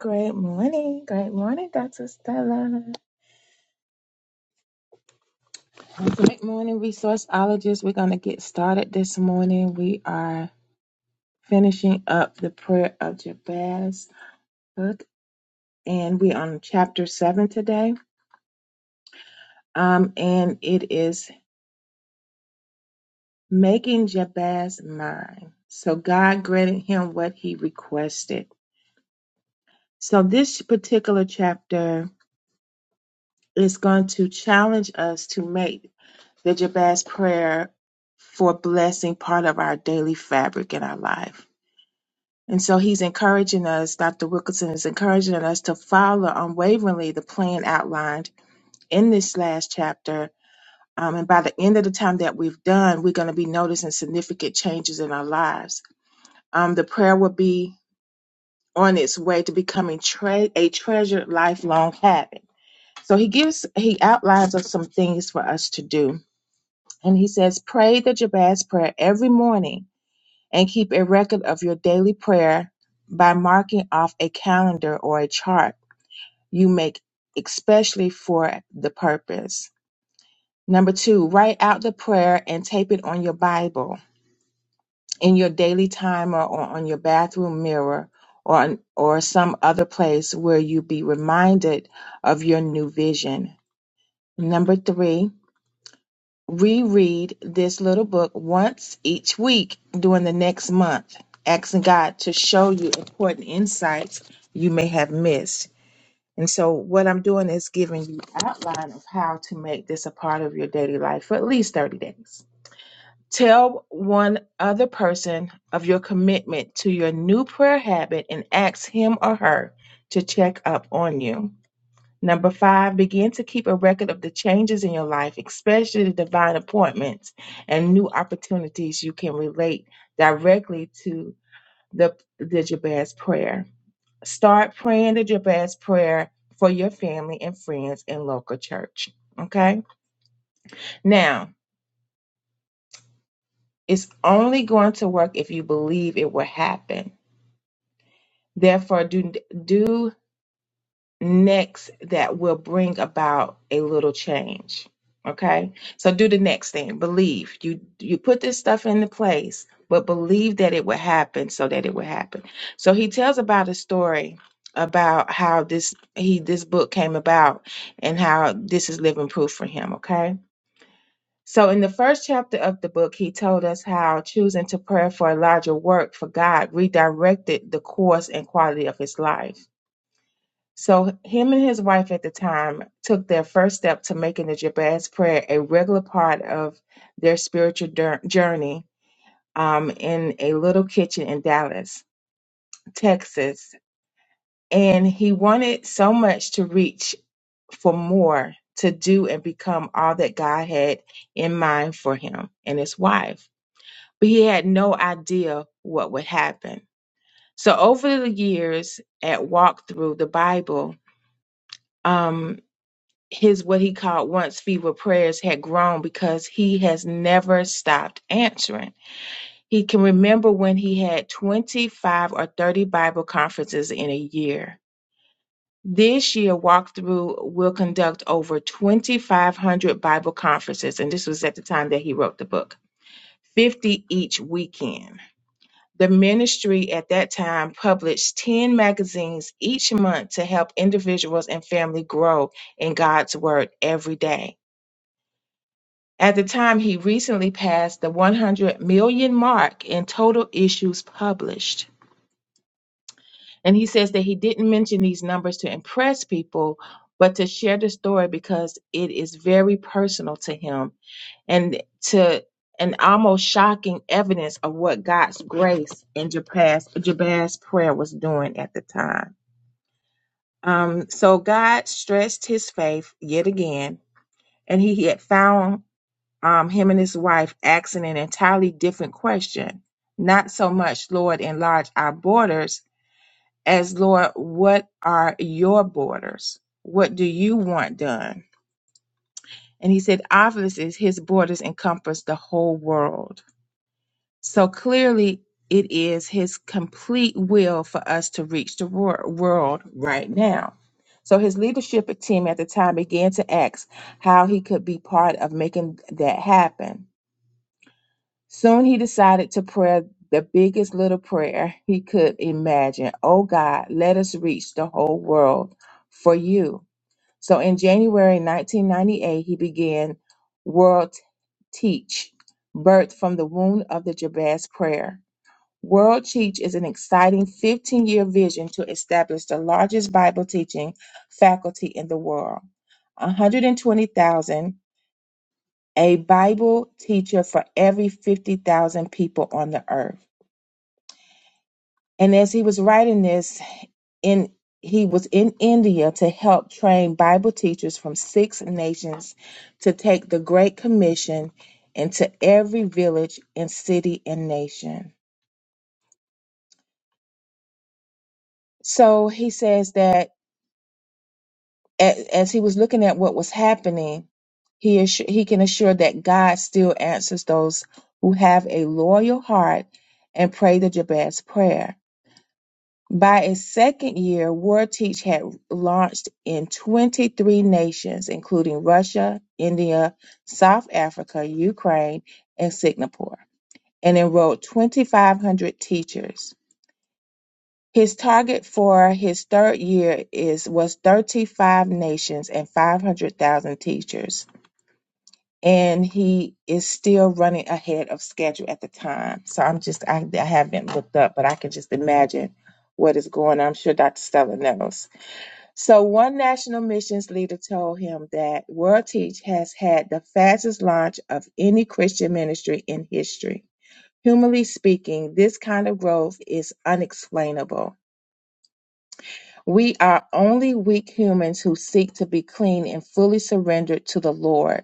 Great morning. Great morning, Dr. Stella. And Great morning, resourceologists. We're going to get started this morning. We are finishing up the prayer of Jabez book, and we're on chapter seven today. Um, and it is making Jabez mine. So God granted him what he requested. So this particular chapter is going to challenge us to make the Jabez prayer for blessing part of our daily fabric in our life. And so he's encouraging us, Dr. Wilkinson is encouraging us to follow unwaveringly the plan outlined in this last chapter. Um, and by the end of the time that we've done, we're going to be noticing significant changes in our lives. Um, the prayer will be on its way to becoming tre- a treasured lifelong habit. So he gives, he outlines us some things for us to do And he says, Pray the Jabez prayer every morning and keep a record of your daily prayer by marking off a calendar or a chart you make especially for the purpose. Number two, write out the prayer and tape it on your Bible, in your daily timer, or on your bathroom mirror, or, on, or some other place where you be reminded of your new vision. Number three, reread this little book once each week during the next month, asking God to show you important insights you may have missed. And so, what I'm doing is giving you outline of how to make this a part of your daily life for at least 30 days. Tell one other person of your commitment to your new prayer habit and ask him or her to check up on you. Number five, begin to keep a record of the changes in your life, especially the divine appointments and new opportunities you can relate directly to the, the Jabez prayer. Start praying the Jabez prayer for your family and friends in local church. Okay? Now, it's only going to work if you believe it will happen. Therefore, do do next that will bring about a little change okay so do the next thing believe you you put this stuff into place but believe that it will happen so that it will happen so he tells about a story about how this he this book came about and how this is living proof for him okay so in the first chapter of the book he told us how choosing to pray for a larger work for god redirected the course and quality of his life so him and his wife at the time took their first step to making the Jabez prayer a regular part of their spiritual dur- journey um, in a little kitchen in Dallas, Texas. And he wanted so much to reach for more, to do and become all that God had in mind for him and his wife. But he had no idea what would happen. So over the years at Walk Through the Bible, um, his what he called once fever prayers had grown because he has never stopped answering. He can remember when he had 25 or 30 Bible conferences in a year. This year, Walkthrough will conduct over 2,500 Bible conferences, and this was at the time that he wrote the book, 50 each weekend. The ministry at that time published 10 magazines each month to help individuals and family grow in God's Word every day. At the time, he recently passed the 100 million mark in total issues published. And he says that he didn't mention these numbers to impress people, but to share the story because it is very personal to him and to an almost shocking evidence of what God's grace in Jabaz's, Jabaz's prayer was doing at the time. Um, so God stretched his faith yet again, and he had found um, him and his wife asking an entirely different question. Not so much, Lord, enlarge our borders, as Lord, what are your borders? What do you want done? And he said, obviously, his borders encompass the whole world. So clearly, it is his complete will for us to reach the wor- world right now. So his leadership team at the time began to ask how he could be part of making that happen. Soon he decided to pray the biggest little prayer he could imagine. Oh God, let us reach the whole world for you. So in January 1998, he began World Teach, birthed from the wound of the Jabez prayer. World Teach is an exciting 15 year vision to establish the largest Bible teaching faculty in the world. 120,000 a Bible teacher for every 50,000 people on the earth. And as he was writing this, in he was in India to help train Bible teachers from six nations to take the Great Commission into every village and city and nation. So he says that a- as he was looking at what was happening, he assu- he can assure that God still answers those who have a loyal heart and pray the Jabez prayer. By its second year, WarTeach had launched in 23 nations, including Russia, India, South Africa, Ukraine, and Singapore, and enrolled 2,500 teachers. His target for his third year is was 35 nations and 500,000 teachers, and he is still running ahead of schedule at the time. So I'm just I, I haven't looked up, but I can just imagine what is going on. I'm sure Dr. Stella knows. So one national missions leader told him that World Teach has had the fastest launch of any Christian ministry in history. Humanly speaking, this kind of growth is unexplainable. We are only weak humans who seek to be clean and fully surrendered to the Lord,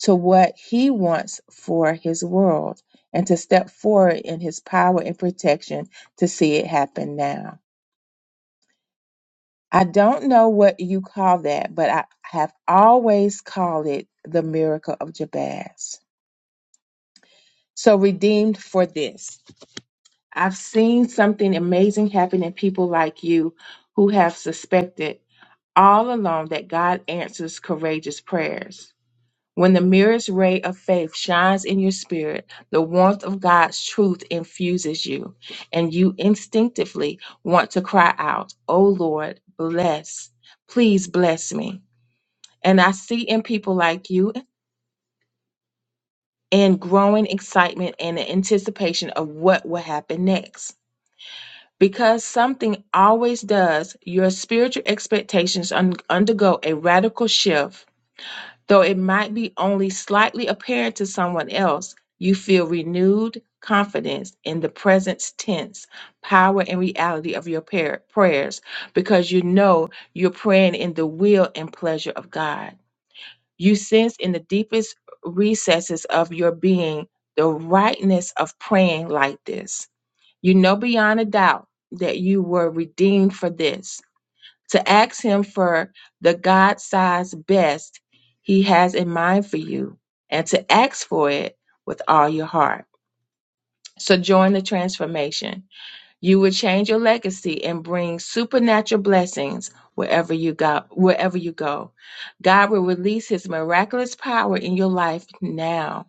to what He wants for His world, and to step forward in His power and protection to see it happen now. I don't know what you call that, but I have always called it the miracle of Jabez. So redeemed for this. I've seen something amazing happen in people like you who have suspected all along that God answers courageous prayers. When the merest ray of faith shines in your spirit, the warmth of God's truth infuses you, and you instinctively want to cry out, Oh Lord, bless, please bless me. And I see in people like you and growing excitement and the anticipation of what will happen next. Because something always does, your spiritual expectations un- undergo a radical shift. Though it might be only slightly apparent to someone else, you feel renewed confidence in the present tense, power, and reality of your par- prayers because you know you're praying in the will and pleasure of God. You sense in the deepest recesses of your being the rightness of praying like this. You know beyond a doubt that you were redeemed for this. To ask Him for the God sized best He has in mind for you and to ask for it with all your heart. So join the transformation. You will change your legacy and bring supernatural blessings wherever you go. Wherever you go, God will release His miraculous power in your life now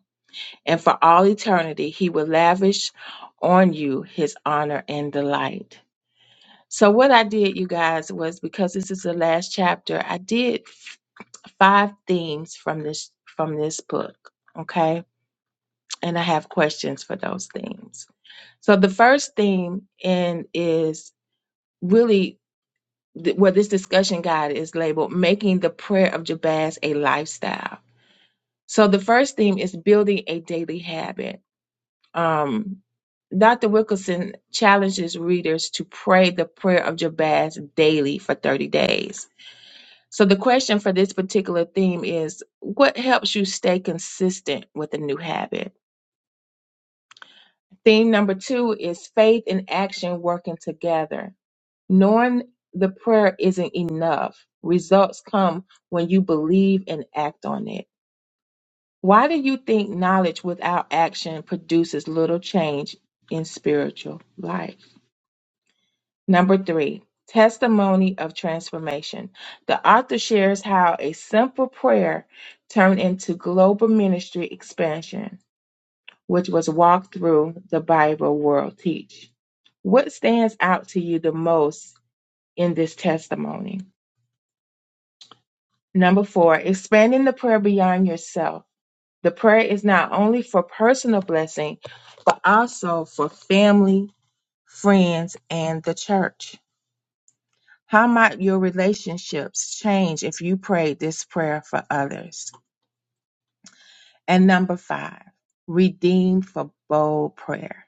and for all eternity. He will lavish on you His honor and delight. So, what I did, you guys, was because this is the last chapter, I did five themes from this from this book okay and i have questions for those themes so the first theme in is really th- where this discussion guide is labeled making the prayer of Jabez a lifestyle so the first theme is building a daily habit um, dr wilkerson challenges readers to pray the prayer of Jabez daily for 30 days so the question for this particular theme is what helps you stay consistent with a new habit theme number two is faith and action working together Knowing the prayer isn't enough. Results come when you believe and act on it. Why do you think knowledge without action produces little change in spiritual life? Number three, testimony of transformation. The author shares how a simple prayer turned into global ministry expansion, which was walked through the Bible World Teach. What stands out to you the most in this testimony? Number four, expanding the prayer beyond yourself. The prayer is not only for personal blessing, but also for family, friends, and the church. How might your relationships change if you prayed this prayer for others? And number five, redeemed for bold prayer.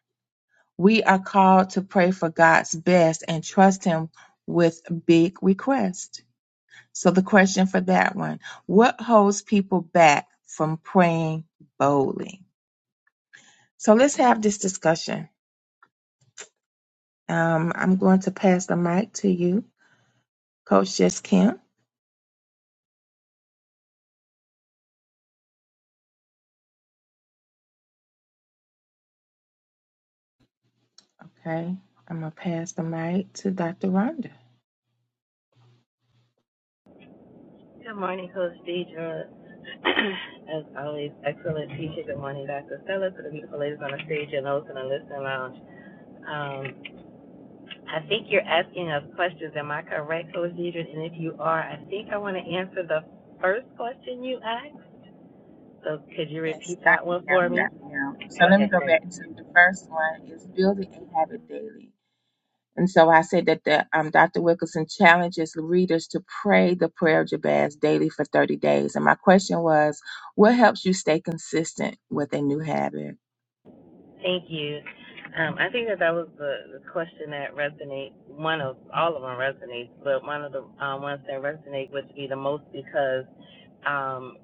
We are called to pray for God's best and trust Him with big requests. So the question for that one, what holds people back from praying boldly? So let's have this discussion. Um, I'm going to pass the mic to you, Coach Jess Kim. Okay. I'm gonna pass the mic to Dr. Rhonda. Good morning, Coach Deidre. As always, excellent teacher. Good morning, Dr. Stella, to the beautiful ladies on the stage and those in the listening lounge. Um, I think you're asking us questions. Am I correct, Coach Deidre? And if you are, I think I want to answer the first question you asked. So could you Yes, repeat I that one for am. Yeah, me? I am. So let me Okay, go great. back to the first one is building a habit daily. And so I said that the um, Dr. Wilkerson challenges readers to pray the prayer of Jabez daily for 30 days. And my question was, what helps you stay consistent with a new habit? Thank you. Um, I think that that was the, the question that resonates. One of all of them resonates, but one of the um, ones that resonate would be the most because. um,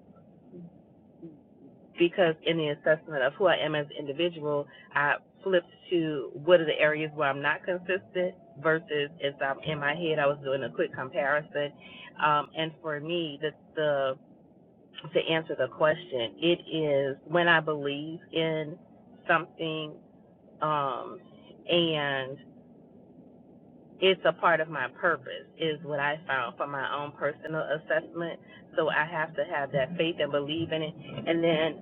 because in the assessment of who I am as an individual, I flipped to what are the areas where I'm not consistent versus as I'm in my head, I was doing a quick comparison. Um, and for me, the, the to answer the question, it is when I believe in something um, and it's a part of my purpose is what I found for my own personal assessment. So I have to have that faith and believe in it. And then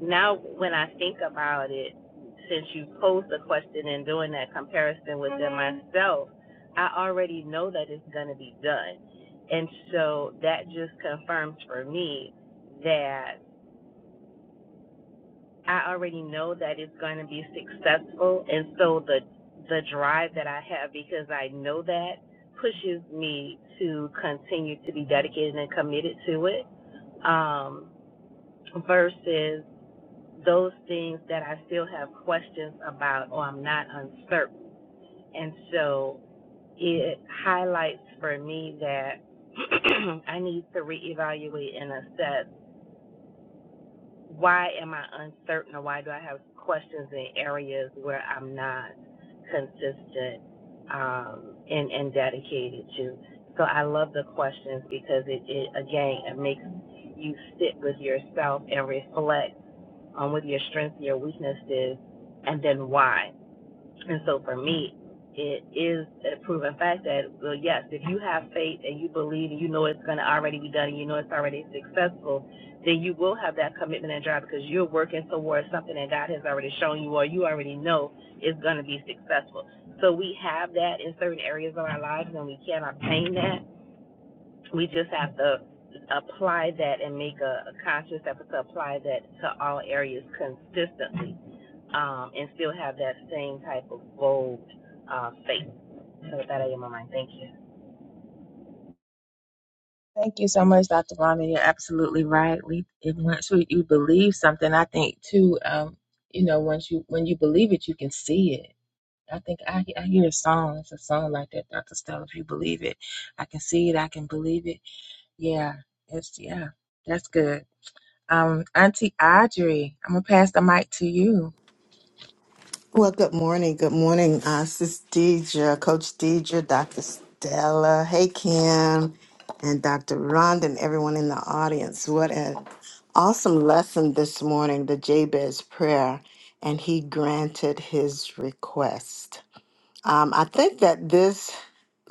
now when I think about it, since you posed the question and doing that comparison within myself, I already know that it's going to be done. And so that just confirms for me that I already know that it's going to be successful. And so the, the drive that I have because I know that pushes me to continue to be dedicated and committed to it um, versus those things that I still have questions about or I'm not uncertain. And so it highlights for me that I need to reevaluate and assess why am I uncertain or why do I have questions in areas where I'm not consistent um, and, and dedicated to. So I love the questions because it, it again, it makes you sit with yourself and reflect um, what your strength, your weakness is, and then why. And so for me, it is a proven fact that, well, yes, if you have faith and you believe and you know it's going to already be done and you know it's already successful, then you will have that commitment and drive because you're working towards something that God has already shown you or you already know is going to be successful. So we have that in certain areas of our lives and we can obtain that we just have to apply that and make a, a conscious effort to apply that to all areas consistently um, and still have that same type of bold uh, faith. So with that, I am on my mind. Thank you. Thank you so much, Dr. Rhonda. You're absolutely right. We if once we, you believe something, I think too, um, you know, once you when you believe it, you can see it. I think I, he- I hear a song. It's a song like that, Dr. Stella. If you believe it, I can see it. I can believe it. Yeah, it's yeah. That's good. Um, Auntie Audrey, I'm gonna pass the mic to you. Well, good morning. Good morning, uh, Sis Deidre, Coach Deidre, Dr. Stella. Hey, Kim, and Dr. Rhonda, and everyone in the audience. What an awesome lesson this morning, the Jabez prayer, and he granted his request. Um, I think that this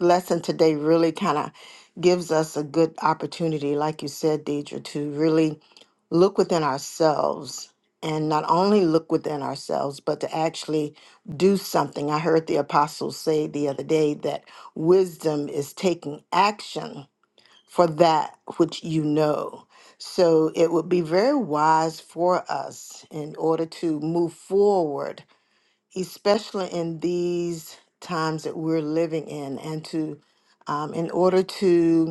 lesson today really kind of gives us a good opportunity, like you said, Deidre, to really look within ourselves and not only look within ourselves, but to actually do something. I heard the apostles say the other day that wisdom is taking action for that which you know. So it would be very wise for us in order to move forward especially in these times that we're living in, and to um, in order to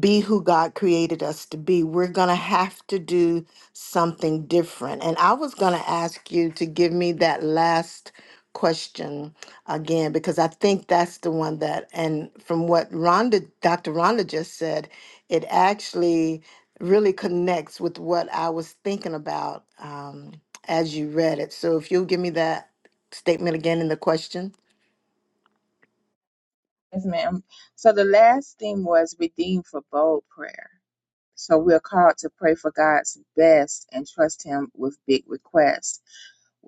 be who God created us to be. We're going to have to do something different. And I was going to ask you to give me that last question again, because I think that's the one that, and from what Rhonda, Dr. Rhonda just said, it actually really connects with what I was thinking about um, as you read it. So if you'll give me that statement again in the question. Yes, ma'am. So the last thing was redeemed for bold prayer. So we're called to pray for God's best and trust Him with big requests.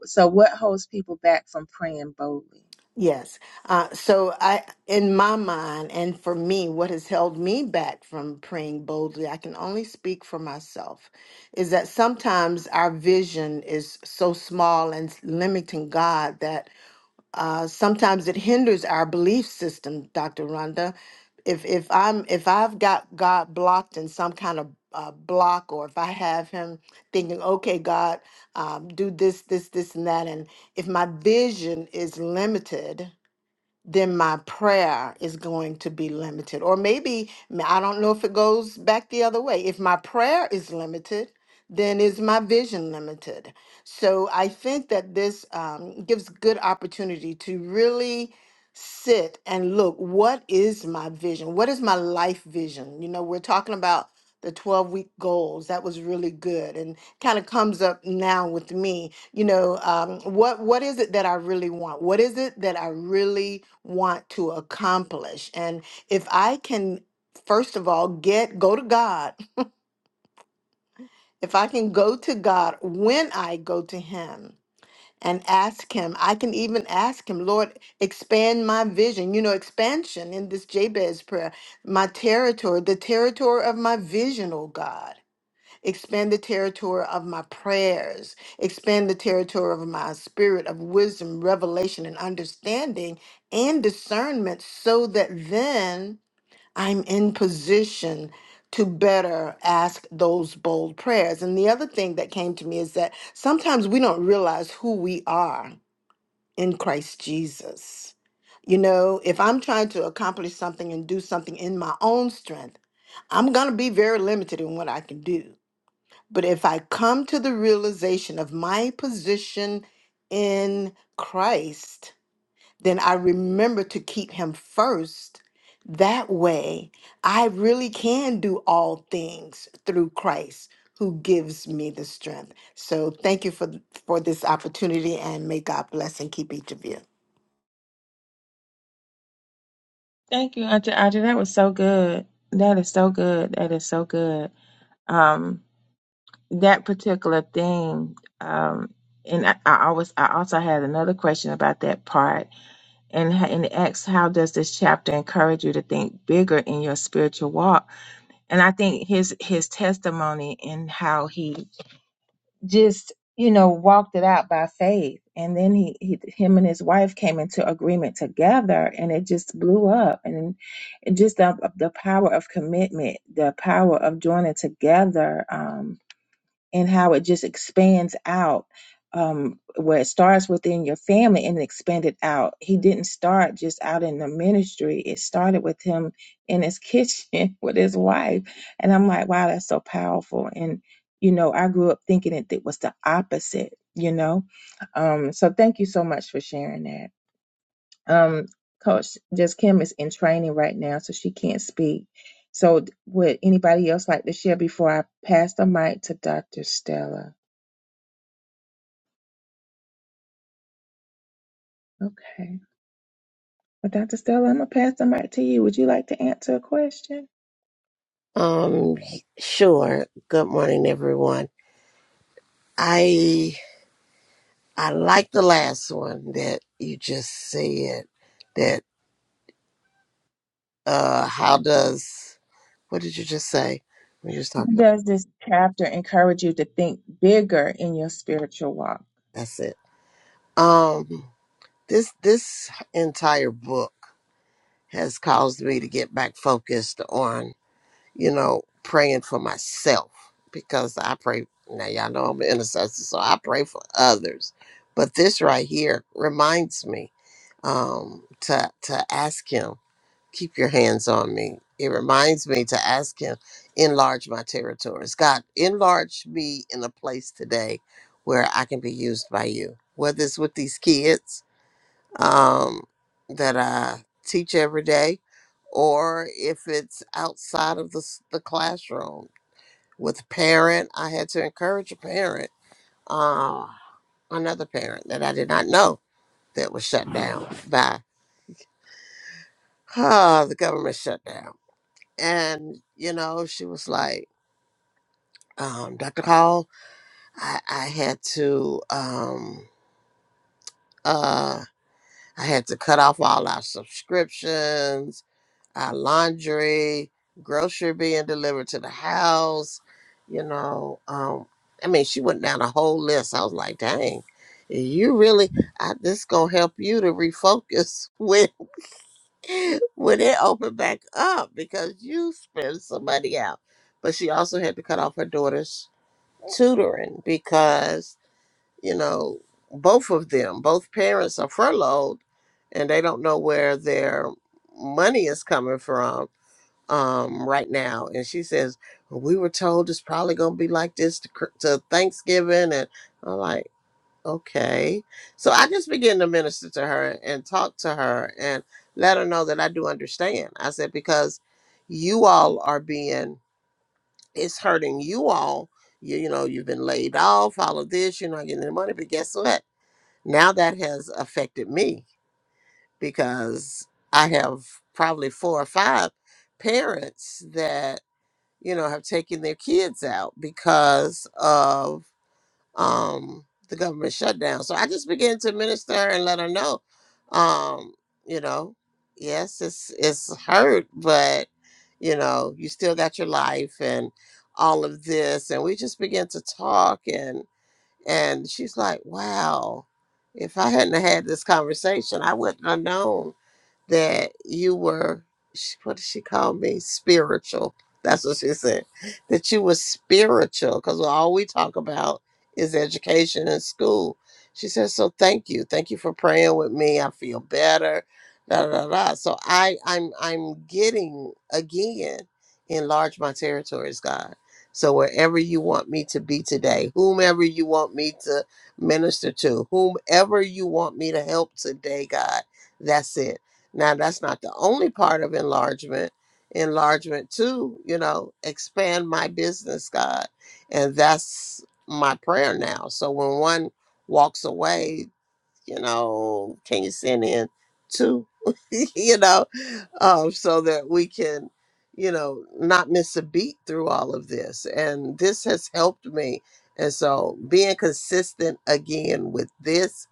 So what holds people back from praying boldly? Yes. Uh, so I, in my mind, and for me, what has held me back from praying boldly, I can only speak for myself, is that sometimes our vision is so small and limiting God that uh, sometimes it hinders our belief system, Dr. Rhonda. If if I'm if I've got God blocked in some kind of uh, block, or if I have Him thinking, okay, God, um, do this, this, this, and that, and if my vision is limited then my prayer is going to be limited. Or maybe, m- I don't know if it goes back the other way. If my prayer is limited, then is my vision limited? So I think that this um, gives good opportunity to really sit and look what is my vision? What is my life vision? You know, we're talking about the 12 week goals. That was really good and kind of comes up now with me you know um, what what is it that i really want what is it that i really want to accomplish and if i can first of all get go to god if i can go to god when i go to him and ask him i can even ask him lord expand my vision you know expansion in this jabez prayer my territory the territory of my vision oh god Expand the territory of my prayers. Expand the territory of my spirit of wisdom, revelation, and understanding and discernment so that then I'm in position to better ask those bold prayers. And the other thing that came to me is that sometimes we don't realize who we are in Christ Jesus. You know, if I'm trying to accomplish something and do something in my own strength, I'm going to be very limited in what I can do. But if I come to the realization of my position in Christ, then I remember to keep Him first. That way, I really can do all things through Christ who gives me the strength. So thank you for, for this opportunity and may God bless and keep each of you. Thank you, Auntie Audrey. That was so good. That is so good. That is so good. Um. that particular thing um and I, I always I also had another question about that part and ha- and it asks how does this chapter encourage you to think bigger in your spiritual walk and I think his his testimony and how he just you know walked it out by faith and then he, he him and his wife came into agreement together and it just blew up and and just the, the power of commitment the power of joining together Um, and how it just expands out um, where it starts within your family and expanded out. He didn't start just out in the ministry. It started with him in his kitchen with his wife. And I'm like, wow, that's so powerful. And, you know, I grew up thinking it, it was the opposite, you know? Um, so thank you so much for sharing that. Um, Coach Just Kim is in training right now, so she can't speak. So would anybody else like to share before I pass the mic to Dr. Stella? Okay. Well, Dr. Stella, I'm going to pass the mic to you. Would you like to answer a question? Um, sure. Good morning, everyone. I I like the last one that you just said. That uh, how does what did you just say? We just talking. About, Does this chapter encourage you to think bigger in your spiritual walk? that's it. Um, this this entire book has caused me to get back focused on you know, praying for myself because I pray. Now, y'all know I'm an intercessor, so I pray for others. But this right here reminds me um, to, to ask Him, keep your hands on me. It reminds me to ask Him, enlarge my territories. God, enlarge me in a place today where I can be used by you, whether it's with these kids um, that I teach every day, or if it's outside of the, s- the classroom with parent, I had to encourage a parent, uh, another parent that I did not know that was shut down by uh, the government shutdown. And, you know, she was like, um, Dr. Call, I, I had to, um, uh, I had to cut off all our subscriptions our laundry, grocery being delivered to the house, you know. Um, I mean, she went down a whole list. I was like, dang, you really, I, this gonna help you to refocus when, when it opened back up because you spent some money out. But she also had to cut off her daughter's tutoring because, you know, both of them, both parents are furloughed and they don't know where their money is coming from um, right now. And she says, well, We were told it's probably going to be like this to, Chr- to Thanksgiving. And I'm like, Okay. So I just began to minister to her and talk to her and let her know that I do understand. I said, Because you all are being, it's hurting you all. You, you know, you've been laid off, all of this, you're not getting the money. But guess what? Now that has affected me because I have probably four or five parents that you know, have taken their kids out because of um, the government shutdown. So I just began to minister and let her know, um, you know, yes, it's it's hurt, but you know, you still got your life and all of this. And we just began to talk, and and she's like, wow. If I hadn't had this conversation, I wouldn't have known that you were sh- what did she call me spiritual that's what she said that you were spiritual because all we talk about is education and school she said so thank you thank you for praying with me i feel better da, da, da. da." so i i'm i'm getting again enlarge my territories god so wherever you want me to be today whomever you want me to minister to whomever you want me to help today god that's it now, that's not the only part of enlargement. Enlargement, too, you know, expand my business, God. And that's my prayer now. So when one walks away, you know, can you send in two, you know, um, so that we can, you know, not miss a beat through all of this. And this has helped me. And so being consistent again with this,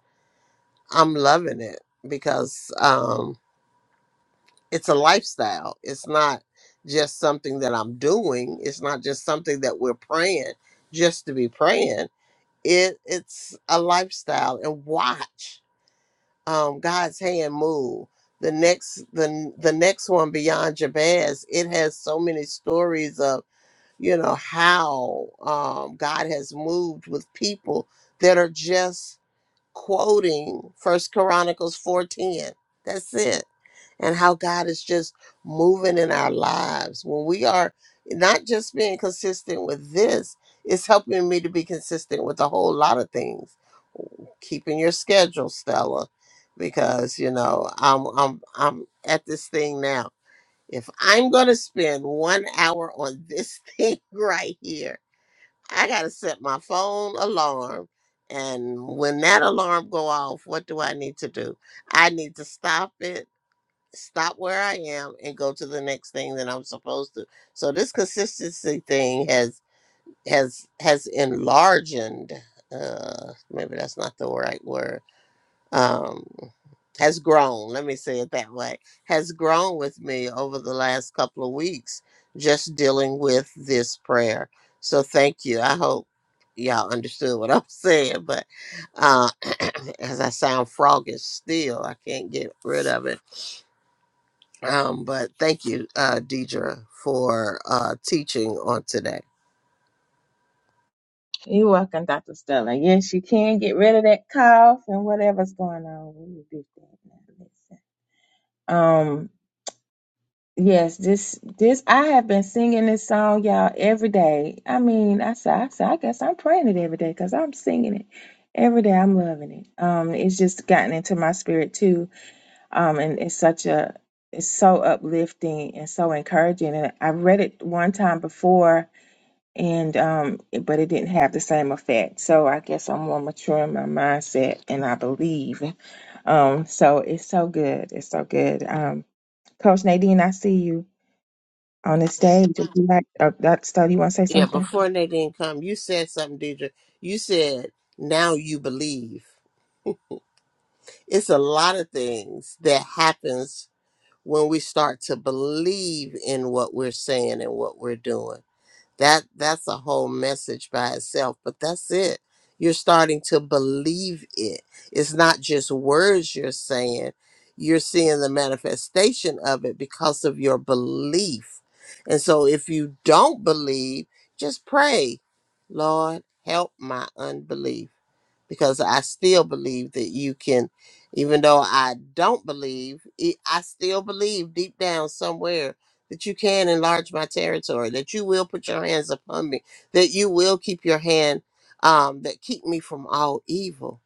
I'm loving it because, um it's a lifestyle. It's not just something that I'm doing. It's not just something that we're praying just to be praying. It it's a lifestyle and watch um God's hand move. The next the the next one beyond Jabez, it has so many stories of you know how um God has moved with people that are just quoting First Chronicles 4:10. That's it. And how God is just moving in our lives when we are not just being consistent with this, it's helping me to be consistent with a whole lot of things. Keeping your schedule, Stella, because you know I'm I'm I'm at this thing now. If I'm gonna spend one hour on this thing right here I gotta set my phone alarm. And when that alarm go off, what do I need to do? I need to stop it, stop where I am, and go to the next thing that I'm supposed to. So this consistency thing has has has enlarged. Uh, maybe that's not the right word um, has grown, let me say it that way, has grown with me over the last couple of weeks just dealing with this prayer. So thank you. I hope y'all understood what I'm saying, but uh, as I sound froggish still, I can't get rid of it. Um, but thank you, uh, Deidre, for uh, teaching on today. You're welcome, Dr. Stella. Yes, you can get rid of that cough and whatever's going on. We rebuke that. now. Um, yes, this this I have been singing this song, y'all, every day. I mean, I said, I said, I guess I'm praying it every day because I'm singing it every day. I'm loving it. Um, it's just gotten into my spirit too. Um, and it's such a it's so uplifting and so encouraging. And I read it one time before, and um, it- but it didn't have the same effect. So I guess I'm more mature in my mindset, and I believe. Um, so it's so good. It's so good. Um Coach Nadine, I see you on the stage. Would you like, oh, that study, you want to say Yeah, something? Thank before Nadine come, you said something, Deidre. You said, now you believe. it's a lot of things that happens when we start to believe in what we're saying and what we're doing that that's a whole message by itself but that's it you're starting to believe it it's not just words you're saying you're seeing the manifestation of it because of your belief and so if you don't believe just pray lord help my unbelief because I still believe that you can, even though I don't believe, it- I still believe deep down somewhere that you can enlarge my territory, that you will put your hands upon me, that you will keep your hand, um, that keep me from all evil.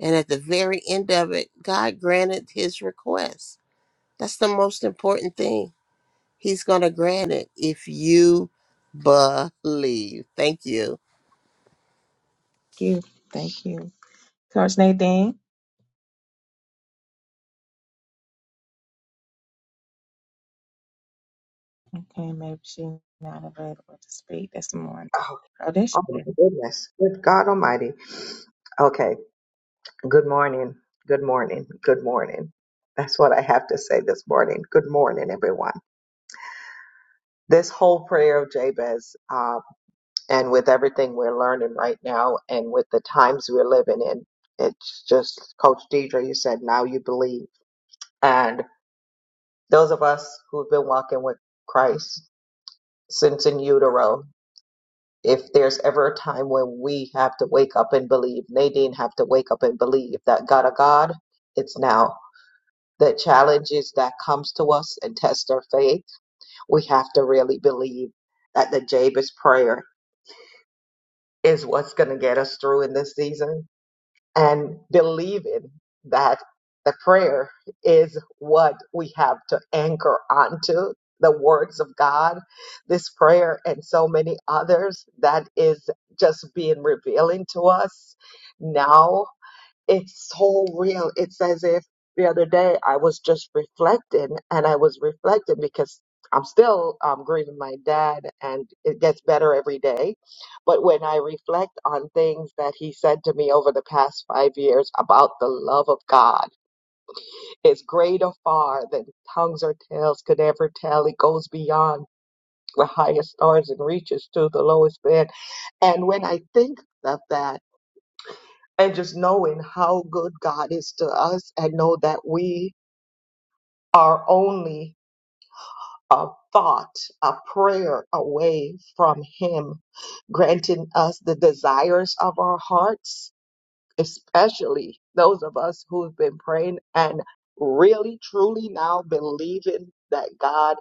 And at the very end of it, God granted his request. That's the most important thing. He's going to grant it if you believe. Thank you. you. Thank you. Coach Nadine? Okay, maybe she's not available to speak this morning. Oh, Oh, there she oh is. my goodness. Good God Almighty. Okay. Good morning. Good morning. Good morning. That's what I have to say this morning. Good morning, everyone. This whole prayer of Jabez, uh, and with everything we're learning right now, and with the times we're living in, it's just Coach Deidre. You said now you believe, and those of us who've been walking with Christ since in utero, if there's ever a time when we have to wake up and believe, Nadine have to wake up and believe that God a God, it's now. The challenges that comes to us and test our faith, we have to really believe that the Jabez prayer is what's going to get us through in this season and believing that the prayer is what we have to anchor onto the words of God, this prayer and so many others that is just being revealing to us now it's so real. It's as if the other day I was just reflecting and I was reflecting because I'm still um, grieving my dad and it gets better every day. But when I reflect on things that he said to me over the past five years about the love of God, it's greater far than tongues or tales could ever tell. It goes beyond the highest stars and reaches to the lowest man. And when I think of that, and just knowing how good God is to us and know that we are only a thought, a prayer away from Him, granting us the desires of our hearts, especially those of us who've been praying and really, truly now believing that God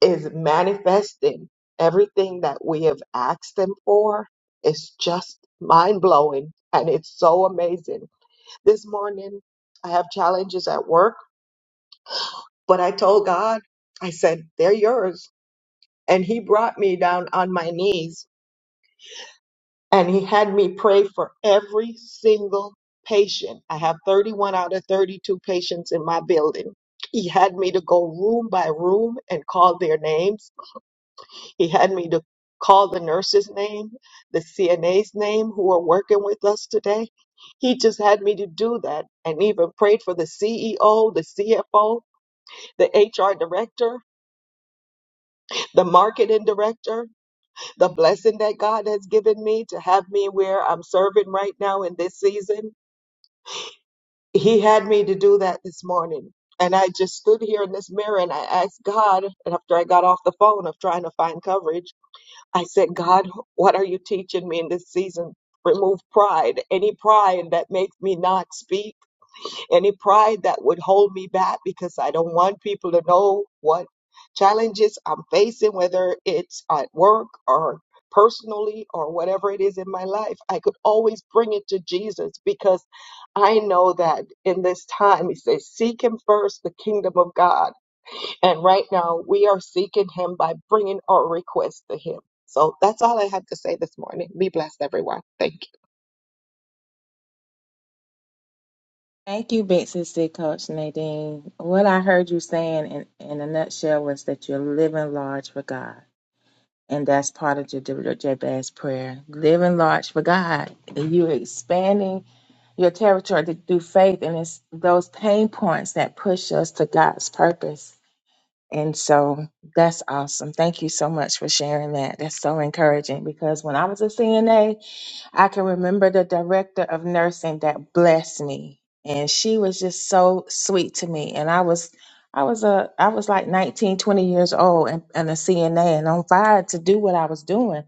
is manifesting everything that we have asked Him for. It's just mind blowing and it's so amazing This morning, I have challenges at work, but I told God, I said, they're yours. And He brought me down on my knees and He had me pray for every single patient. I have 31 out of 32 patients in my building. He had me to go room by room and call their names. He had me to call the nurse's name, the CNA's name who are working with us today. He just had me to do that and even prayed for the CEO, the CFO, the HR director, the marketing director, the blessing that God has given me to have me where I'm serving right now in this season. He had me to do that this morning. And I just stood here in this mirror and I asked God, and after I got off the phone of trying to find coverage, I said, God, what are you teaching me in this season? Remove pride, any pride that makes me not speak Any pride that would hold me back because I don't want people to know what challenges I'm facing, whether it's at work or personally or whatever it is in my life, I could always bring it to Jesus because I know that in this time, he says, seek him first, the kingdom of God. And right now, we are seeking him by bringing our requests to him. So that's all I had to say this morning. Be blessed, everyone. Thank you. Thank you, Big Sissy, Coach Nadine. What I heard you saying in, in a nutshell was that you're living large for God. And that's part of your Jabez prayer. Living large for God. And you're expanding your territory to do faith. And it's those pain points that push us to God's purpose And so that's awesome. Thank you so much for sharing that. That's so encouraging because when I was a CNA, I can remember the director of nursing that blessed me. And she was just so sweet to me. And I was I was a I was like 19, 20 years old and, and a CNA and on fire to do what I was doing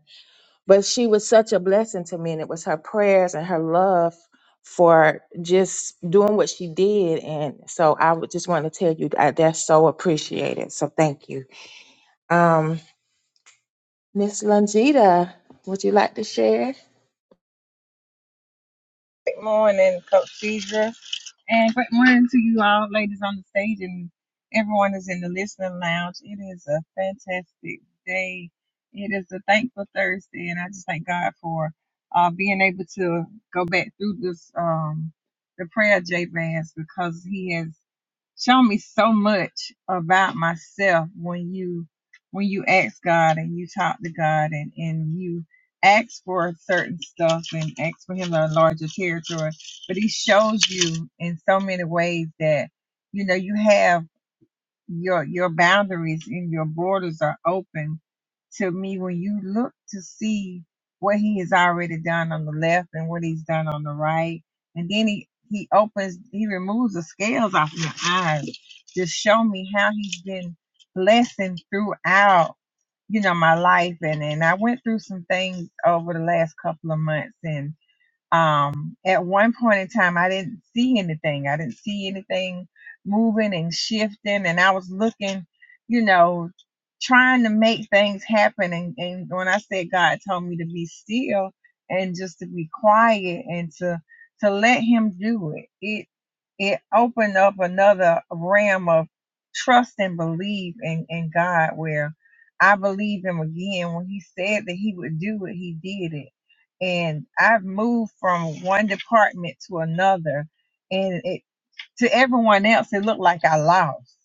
but she was such a blessing to me and it was her prayers and her love for just doing what she did and so i would just want to tell you that that's so appreciated so thank you um miss longita would you like to share Good morning, Coach Deidre. And great morning to you all, ladies on the stage, and everyone is in the listening lounge. It is a fantastic day. It is a thankful Thursday, and I just thank God for uh, being able to go back through this um, the prayer J Vance because he has. Show me so much about myself when you when you ask God and you talk to God and, and you ask for certain stuff and ask for him a larger territory. But he shows you in so many ways that you know you have your your boundaries and your borders are open to me when you look to see what he has already done on the left and what he's done on the right and then he he opens he removes the scales off my eyes just show me how he's been blessing throughout you know my life and and i went through some things over the last couple of months and um at one point in time i didn't see anything i didn't see anything moving and shifting and i was looking you know trying to make things happen and, and when i said god told me to be still and just to be quiet and to to let him do it it it opened up another realm of trust and belief in, in god where i believe him again when he said that he would do it he did it and I've moved from one department to another, and it, to everyone else, it looked like I lost.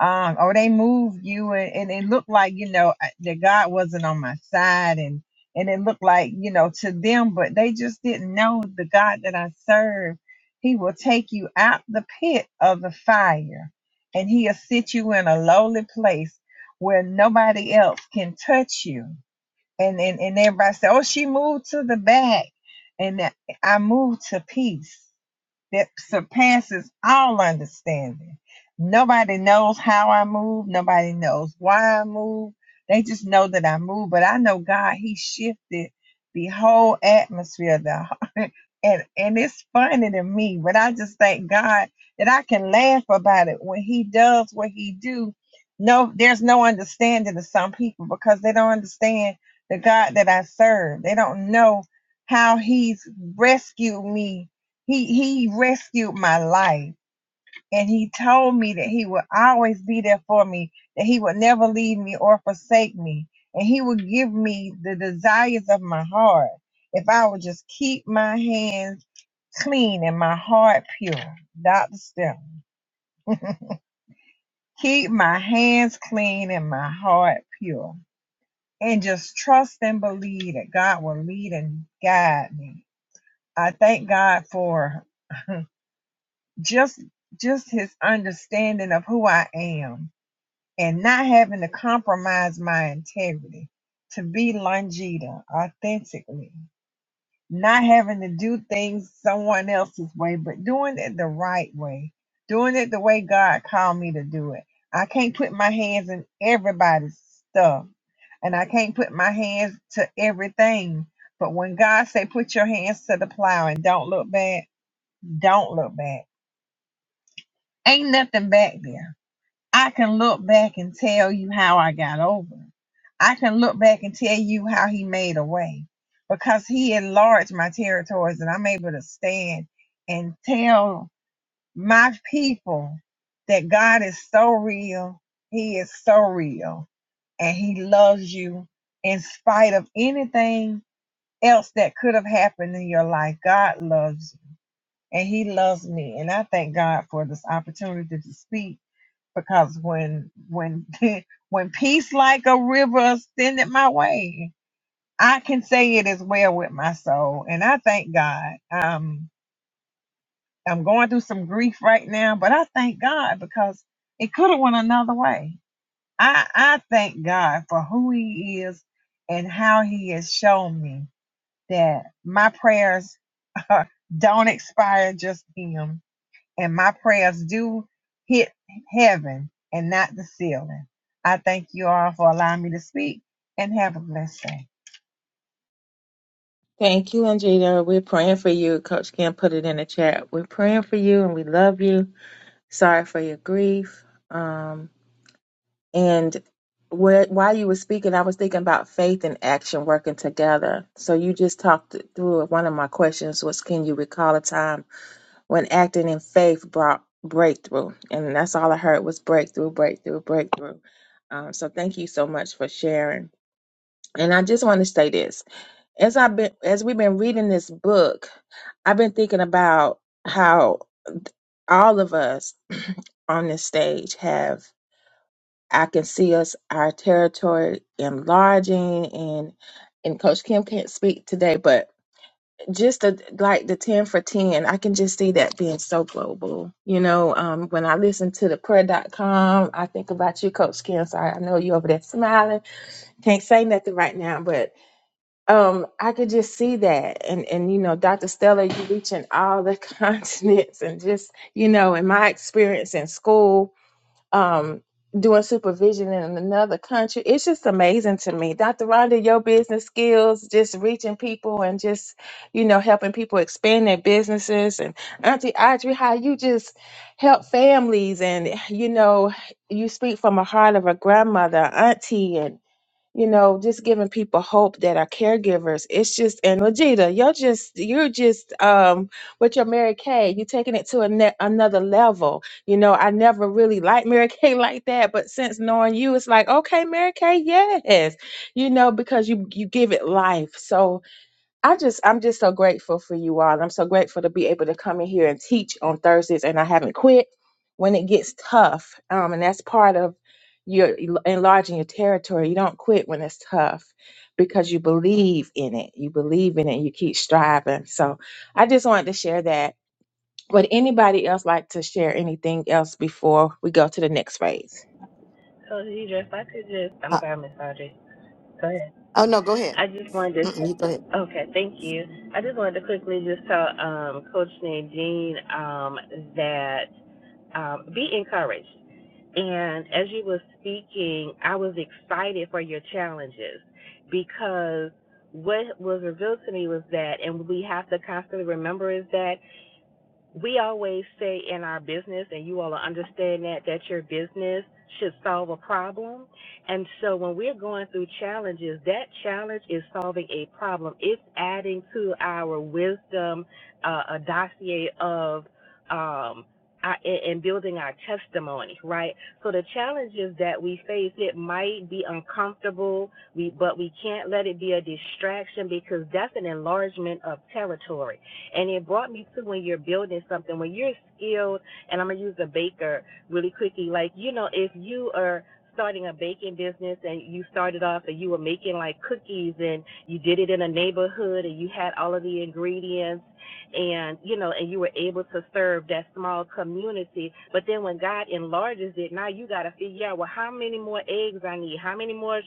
Um, or they moved you, and, and it looked like you know I- that God wasn't on my side, and and it looked like you know to them, but they just didn't know the God that I serve. He will take you out the pit of the fire, and He'll sit you in a lowly place where nobody else can touch you and and, and everybody said, "Oh, she moved to the back," and I moved to peace that surpasses all understanding. Nobody knows how I move. Nobody knows why I move. They just know that I move. But I know God, He shifted the whole atmosphere. The and and it's funny to me, but I just thank God that I can laugh about it when He does what He do. No, there's no understanding to some people because they don't understand the God that I serve. They don't know how He's rescued me he he rescued my life and he told me that he would always be there for me, that he would never leave me or forsake me, and he would give me the desires of my heart if I would just keep my hands clean and my heart pure. Dr. Stephen, keep my hands clean and my heart pure. And just trust and believe that God will lead and guide me. I thank God for just just his understanding of who I am and not having to compromise my integrity to be Longita authentically, not having to do things someone else's way, but doing it the right way, doing it the way God called me to do it. I can't put my hands in everybody's stuff and I can't put my hands to everything. But when God say put your hands to the plow and don't look back, don't look back. Ain't nothing back there I can look back and tell you how I got over. I can look back and tell you how he made a way because he enlarged my territories and I'm able to stand and tell my people that God is so real. He is so real and he loves you in spite of anything else that could have happened in your life. God loves you and he loves me. And I thank God for this opportunity to speak because when when when peace like a river ascended my way, I can say it is well with my soul, and I thank God. Um, I'm going through some grief right now, but I thank God because it could have went another way. I I thank God for who He is and how He has shown me that my prayers don't expire just Him and my prayers do hit heaven and not the ceiling. I thank you all for allowing me to speak and have a blessed day. thank you longita we're praying for you coach kim put it in the chat we're praying for you and we love you sorry for your grief um And where, while you were speaking, I was thinking about faith and action working together. So you just talked through it. One of my questions was, can you recall a time when acting in faith brought breakthrough? And that's all I heard was breakthrough, breakthrough, breakthrough. Um, so thank you so much for sharing. And I just want to say this: as I've been, as we've been reading this book, I've been thinking about how all of us on this stage have I can see us our territory enlarging and and Coach Kim can't speak today, but just the, like the 10 for 10, I can just see that being so global. You know, um, when I listen to the prayer dot com, I think about you, Coach Kim. Sorry, I know you over there smiling. Can't say nothing right now, but um, I could just see that. And, and, you know, Dr. Stella, you reaching all the continents and just, you know, in my experience in school, um, doing supervision in another country. It's just amazing to me. Dr. Rhonda, your business skills, just reaching people and just, you know, helping people expand their businesses. And Auntie Audrey, how you just help families and, you know, you speak from a heart of a grandmother, auntie, and you know, just giving people hope that are caregivers. It's just and Vegeta, you're just you're just um with your Mary Kay, you're taking it to a ne- another level. You know, I never really liked Mary Kay like that, but since knowing you, it's like okay, Mary Kay, yes, you know, because you you give it life. So I just I'm just so grateful for you all. I'm so grateful to be able to come in here and teach on Thursdays and I haven't quit when it gets tough. Um and that's part of your el- enlarging your territory. You don't quit when it's tough because you believe in it. You believe in it. You keep striving. So I just wanted to share that. Would anybody else like to share anything else before we go to the next phase? So, Deidre, if I could just, I'm Uh, sorry, Miss Audrey. Go ahead. oh, no, go ahead. I just wanted Mm-mm, you go ahead. to, okay, thank you. I just wanted to quickly just tell um, Coach Nadine um, that um, be encouraged. And as you were speaking, I was excited for your challenges because what was revealed to me was that, and we have to constantly remember is that we always say in our business, and you all understand that, that your business should solve a problem. And so when we're going through challenges, that challenge is solving a problem. It's adding to our wisdom, uh, a dossier of, um, our- and and building our testimony, right? So the challenges that we face, it might be uncomfortable, we, but we can't let it be a distraction because that's an enlargement of territory and it brought me to when you're building something, when you're skilled, and I'm going to use a baker really quickly. Like, you know, if you are starting a baking business and you started off and you were making like cookies and you did it in a neighborhood and you had all of the ingredients and you know and you were able to serve that small community but then when god enlarges it now you got to figure out well how many more eggs i need how many more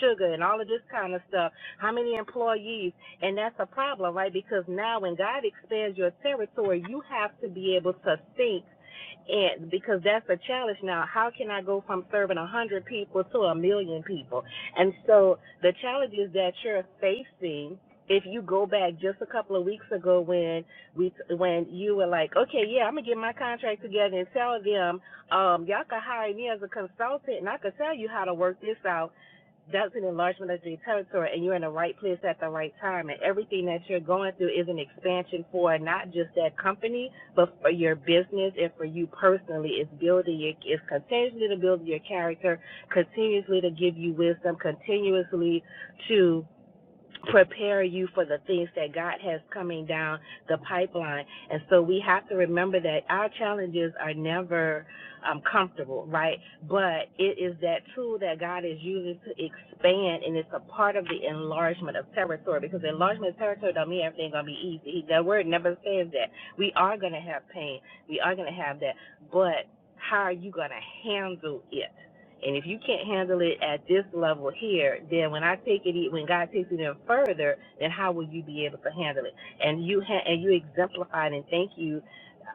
sugar and all of this kind of stuff how many employees and that's a problem, right? Because now when God expands your territory, you have to be able to think and because that's the challenge now. How can I go from serving a hundred people to a million people? And so the challenges that you're facing, if you go back just a couple of weeks ago when we when you were like, okay, yeah, I'm gonna get my contract together and tell them, um, y'all can hire me as a consultant and I can tell you how to work this out that's an enlargement of your territory and you're in the right place at the right time and everything that you're going through is an expansion for not just that company but for your business and for you personally it's building your it's continuously to build your character continuously to give you wisdom continuously to prepare you for the things that God has coming down the pipeline. And so we have to remember that our challenges are never um, comfortable, right? But it is that tool that God is using to expand, and it's a part of the enlargement of territory because enlargement of territory don't mean everything's going to be easy. That word never says that. We are going to have pain. We are going to have that. But how are you going to handle it? And if you can't handle it at this level here, then when I take it, e- when God takes it even further, then how will you be able to handle it? And you ha- and you exemplified, and thank you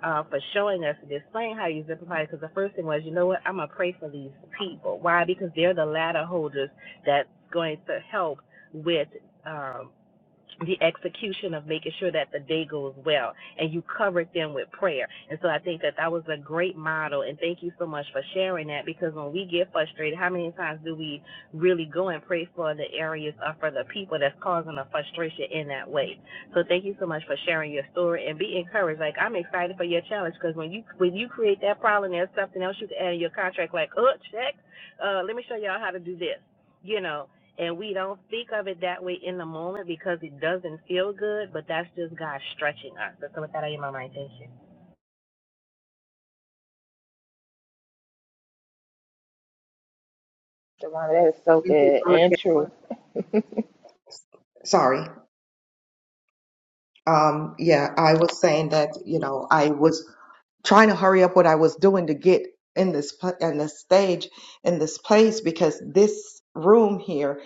uh, for showing us and displaying how you exemplified. Because the first thing was, you know what? I'm gonna pray for these people. Why? Because they're the ladder holders that's going to help with. Um, the execution of making sure that the day goes well and you covered them with prayer and so i think that that was a great model and thank you so much for sharing that because when we get frustrated how many times do we really go and pray for the areas or for the people that's causing the frustration in that way so thank you so much for sharing your story and be encouraged like i'm excited for your challenge because when you when you create that problem there's something else you can add in your contract like oh check uh let me show y'all how to do this you know and we don't speak of it that way in the moment because it doesn't feel good, but that's just God stretching us. That's what that in my mind. Thank you. That is so good and true. Sorry. Um, yeah, I was saying that, you know, I was trying to hurry up what I was doing to get in this pla- in this stage in this place because this room here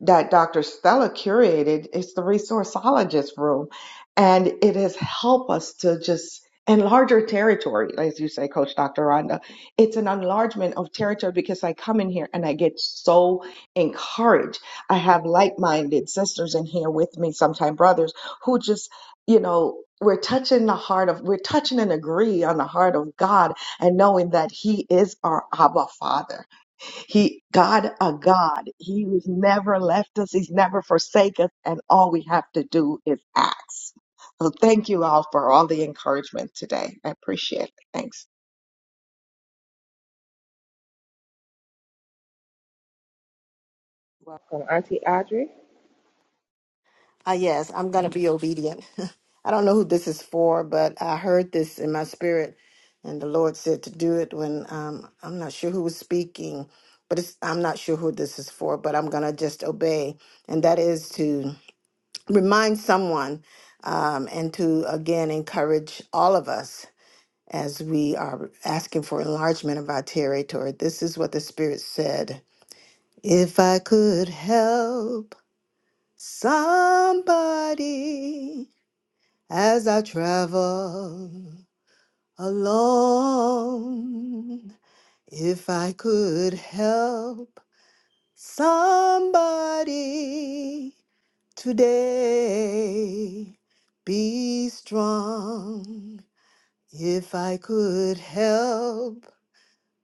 that Dr. Stella curated is the resourceologist room. And it has helped us to just enlarge our territory, as you say, Coach Dr. Rhonda. It's an enlargement of territory because I come in here and I get so encouraged. I have like minded sisters in here with me, sometimes brothers, who just, you know, we're touching the heart of, we're touching and agree on the heart of God and knowing that He is our Abba Father he, God, a God. He has never left us. He's never forsaken us. And all we have to do is ask. So thank you all for all the encouragement today. I appreciate it. Thanks. Welcome. Auntie Audrey. Ah, yes, I'm going to be obedient. I don't know who this is for, but I heard this in my spirit, and the Lord said to do it when um, I'm not sure who was speaking, but it's, I'm not sure who this is for, but I'm going to just obey. And that is to remind someone um, and to, again, encourage all of us as we are asking for enlargement of our territory. This is what the Spirit said. If I could help somebody as I travel alone. If I could help somebody today, be strong. If I could help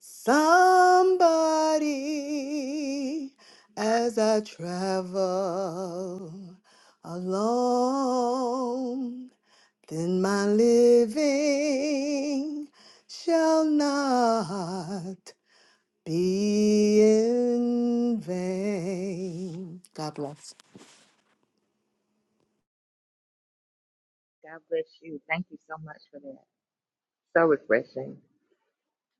somebody as I travel alone then my living shall not be in vain. God bless. God bless you. Thank you so much for that. So refreshing.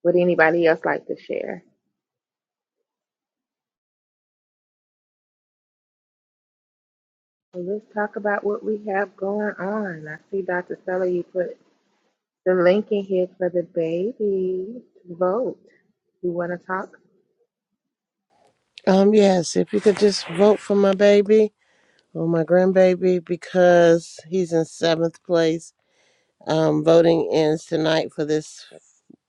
Would anybody else like to share? Well, let's talk about what we have going on. I see Dr. Stella, you put the link in here for the baby to vote. You want to talk? Um, yes, if you could just vote for my baby. Well, my grandbaby, because he's in seventh place, um, voting ends tonight for this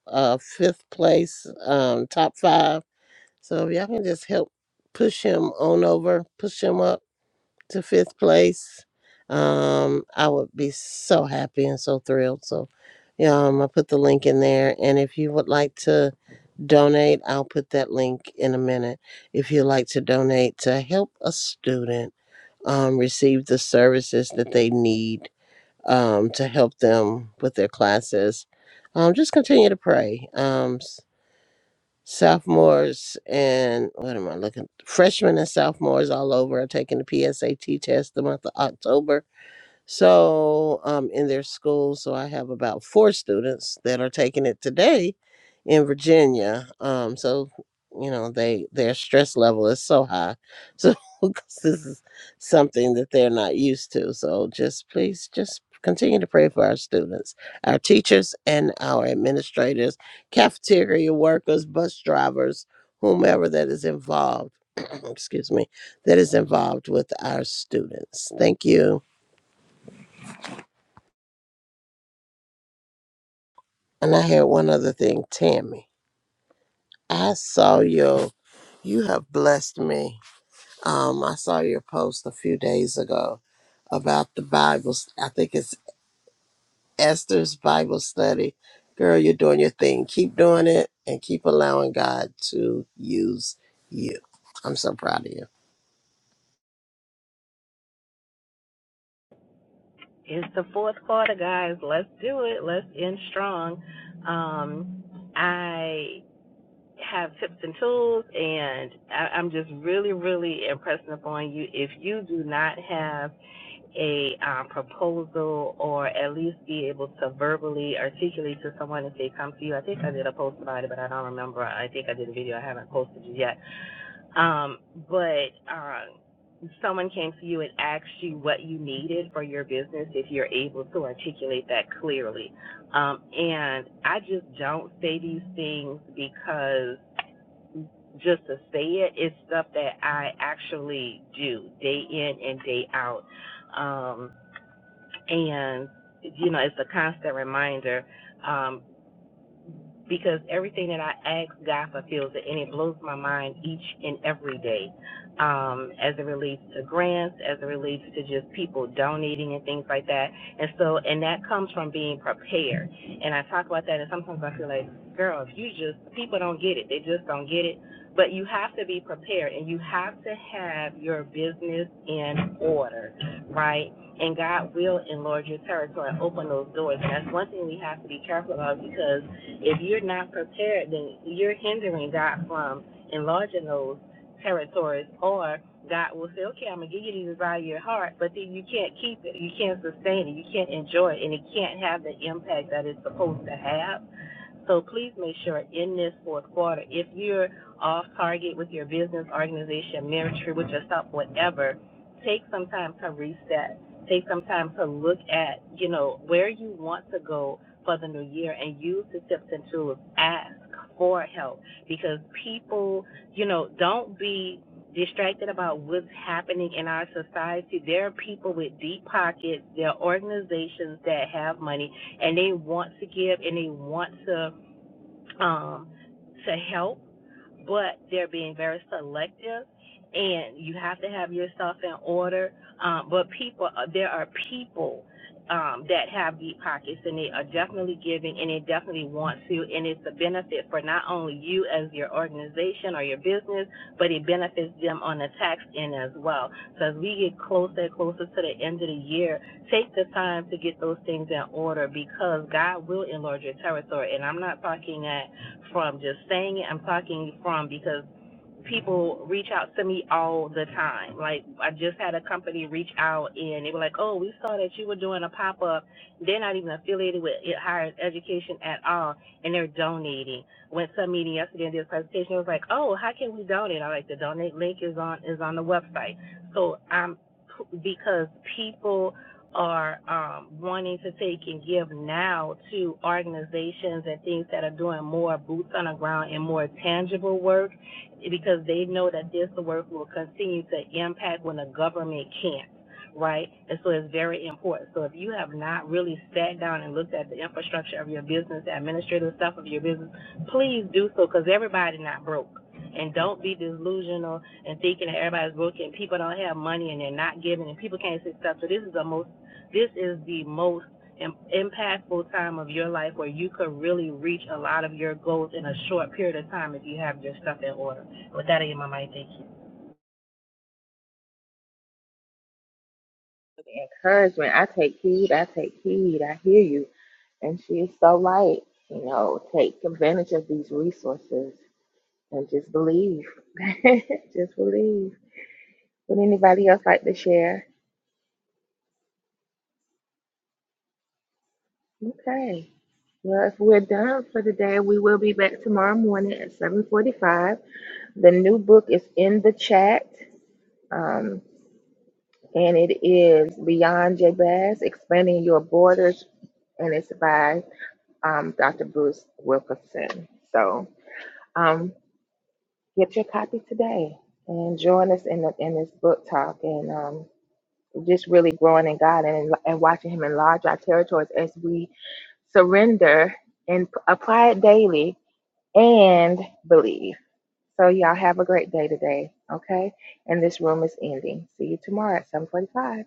uh, fifth place um, top five. So if y'all can just help push him on over, push him up to fifth place, um, I would be so happy and so thrilled. So, yeah, um, I put the link in there. And if you would like to donate. I'll put that link in a minute. If you'd like to donate to help a student um, receive the services that they need um, to help them with their classes, um, just continue to pray. Um, s- sophomores and what am I looking? Freshmen and sophomores all over are taking the PSAT test the month of October so, um, in their school, so I have about four students that are taking it today in Virginia. Um, so, you know, they their stress level is so high, so 'cause this is something that they're not used to. So, just please, just continue to pray for our students, our teachers, and our administrators, cafeteria workers, bus drivers, whomever that is involved. excuse me, that is involved with our students. Thank you. And I had one other thing, Tammy. I saw your, you have blessed me. Um, I saw your post a few days ago about the Bible. st- I think it's Esther's Bible study. Girl, you're doing your thing. Keep doing it and keep allowing God to use you. I'm so proud of you. It's the fourth quarter, guys. Let's do it. Let's end strong. Um, I have tips and tools, and I, I'm just really, really impressing upon you. If you do not have a um, proposal or at least be able to verbally articulate to someone if they come to you, I think I did a post about it, but I don't remember. I think I did a video. I haven't posted it yet Um, but um, someone came to you and asked you what you needed for your business if you're able to articulate that clearly. Um, and I just don't say these things because just to say it, it's stuff that I actually do day in and day out. Um, and, you know, it's a constant reminder. Um, because everything that I ask, God fulfills it, and it blows my mind each and every day. Um, as it relates to grants, as it relates to just people donating and things like that, and so, and that comes from being prepared. And I talk about that, and sometimes I feel like, girl, if you just people don't get it, they just don't get it. But you have to be prepared, and you have to have your business in order, right? And God will enlarge your territory and open those doors. And that's one thing we have to be careful about because if you're not prepared, then you're hindering God from enlarging those territories, or God will say, okay, I'm going to give you these desire of your heart, but then you can't keep it. You can't sustain it. You can't enjoy it, and it can't have the impact that it's supposed to have. So please make sure in this fourth quarter, if you're off target with your business, organization, ministry, with your stuff, whatever, take some time to reset. Take some time to look at, you know, where you want to go for the new year and use the tips and tools. Ask for help because people, you know, don't be distracted about what's happening in our society. There are people with deep pockets, there are organizations that have money and they want to give and they want to um to help but they're being very selective and you have to have yourself in order um, but people uh, there are people um, that have deep pockets and they are definitely giving and they definitely want to and it's a benefit for not only you as your organization or your business but it benefits them on the tax end as well so as we get closer and closer to the end of the year take the time to get those things in order because god will enlarge your territory and i'm not talking at from just saying it. I'm talking from because people reach out to me all the time. Like I just had a company reach out and they were like, "Oh, we saw that you were doing a pop up. They're not even affiliated with it- higher education at all, and they're donating." Went to a meeting yesterday and did a presentation. It was like, "Oh, how can we donate?" I like the donate link is on is on the website. So I'm because people are um, wanting to take and give now to organizations and things that are doing more boots on the ground and more tangible work because they know that this work will continue to impact when the government can't. Right, and so it's very important. So if you have not really sat down and looked at the infrastructure of your business, the administrative stuff of your business, please do so because everybody not broke. And don't be delusional and thinking that everybody's broke and people don't have money and they're not giving and people can't say stuff. So this is the most this is the most impactful time of your life where you could really reach a lot of your goals in a short period of time if you have your stuff in order. With that, I am my mic. Thank you. Take heed. I hear you. And show light. You know, take advantage of these resources and just believe. just believe. Would anybody else like to share? Okay. Well, if we're done for the day, we will be back tomorrow morning at 7:45. The new book is in the chat. Um, and it is Beyond Jabez, Expanding Your Borders, and it's by um, Dr. Bruce Wilkerson. So um, get your copy today and join us in, the, in this book talk and um, just really growing in God and, and watching Him enlarge our territories as we surrender and p- apply it daily and believe. So y'all have a great day today, okay? And this room is ending. See you tomorrow at 7:45.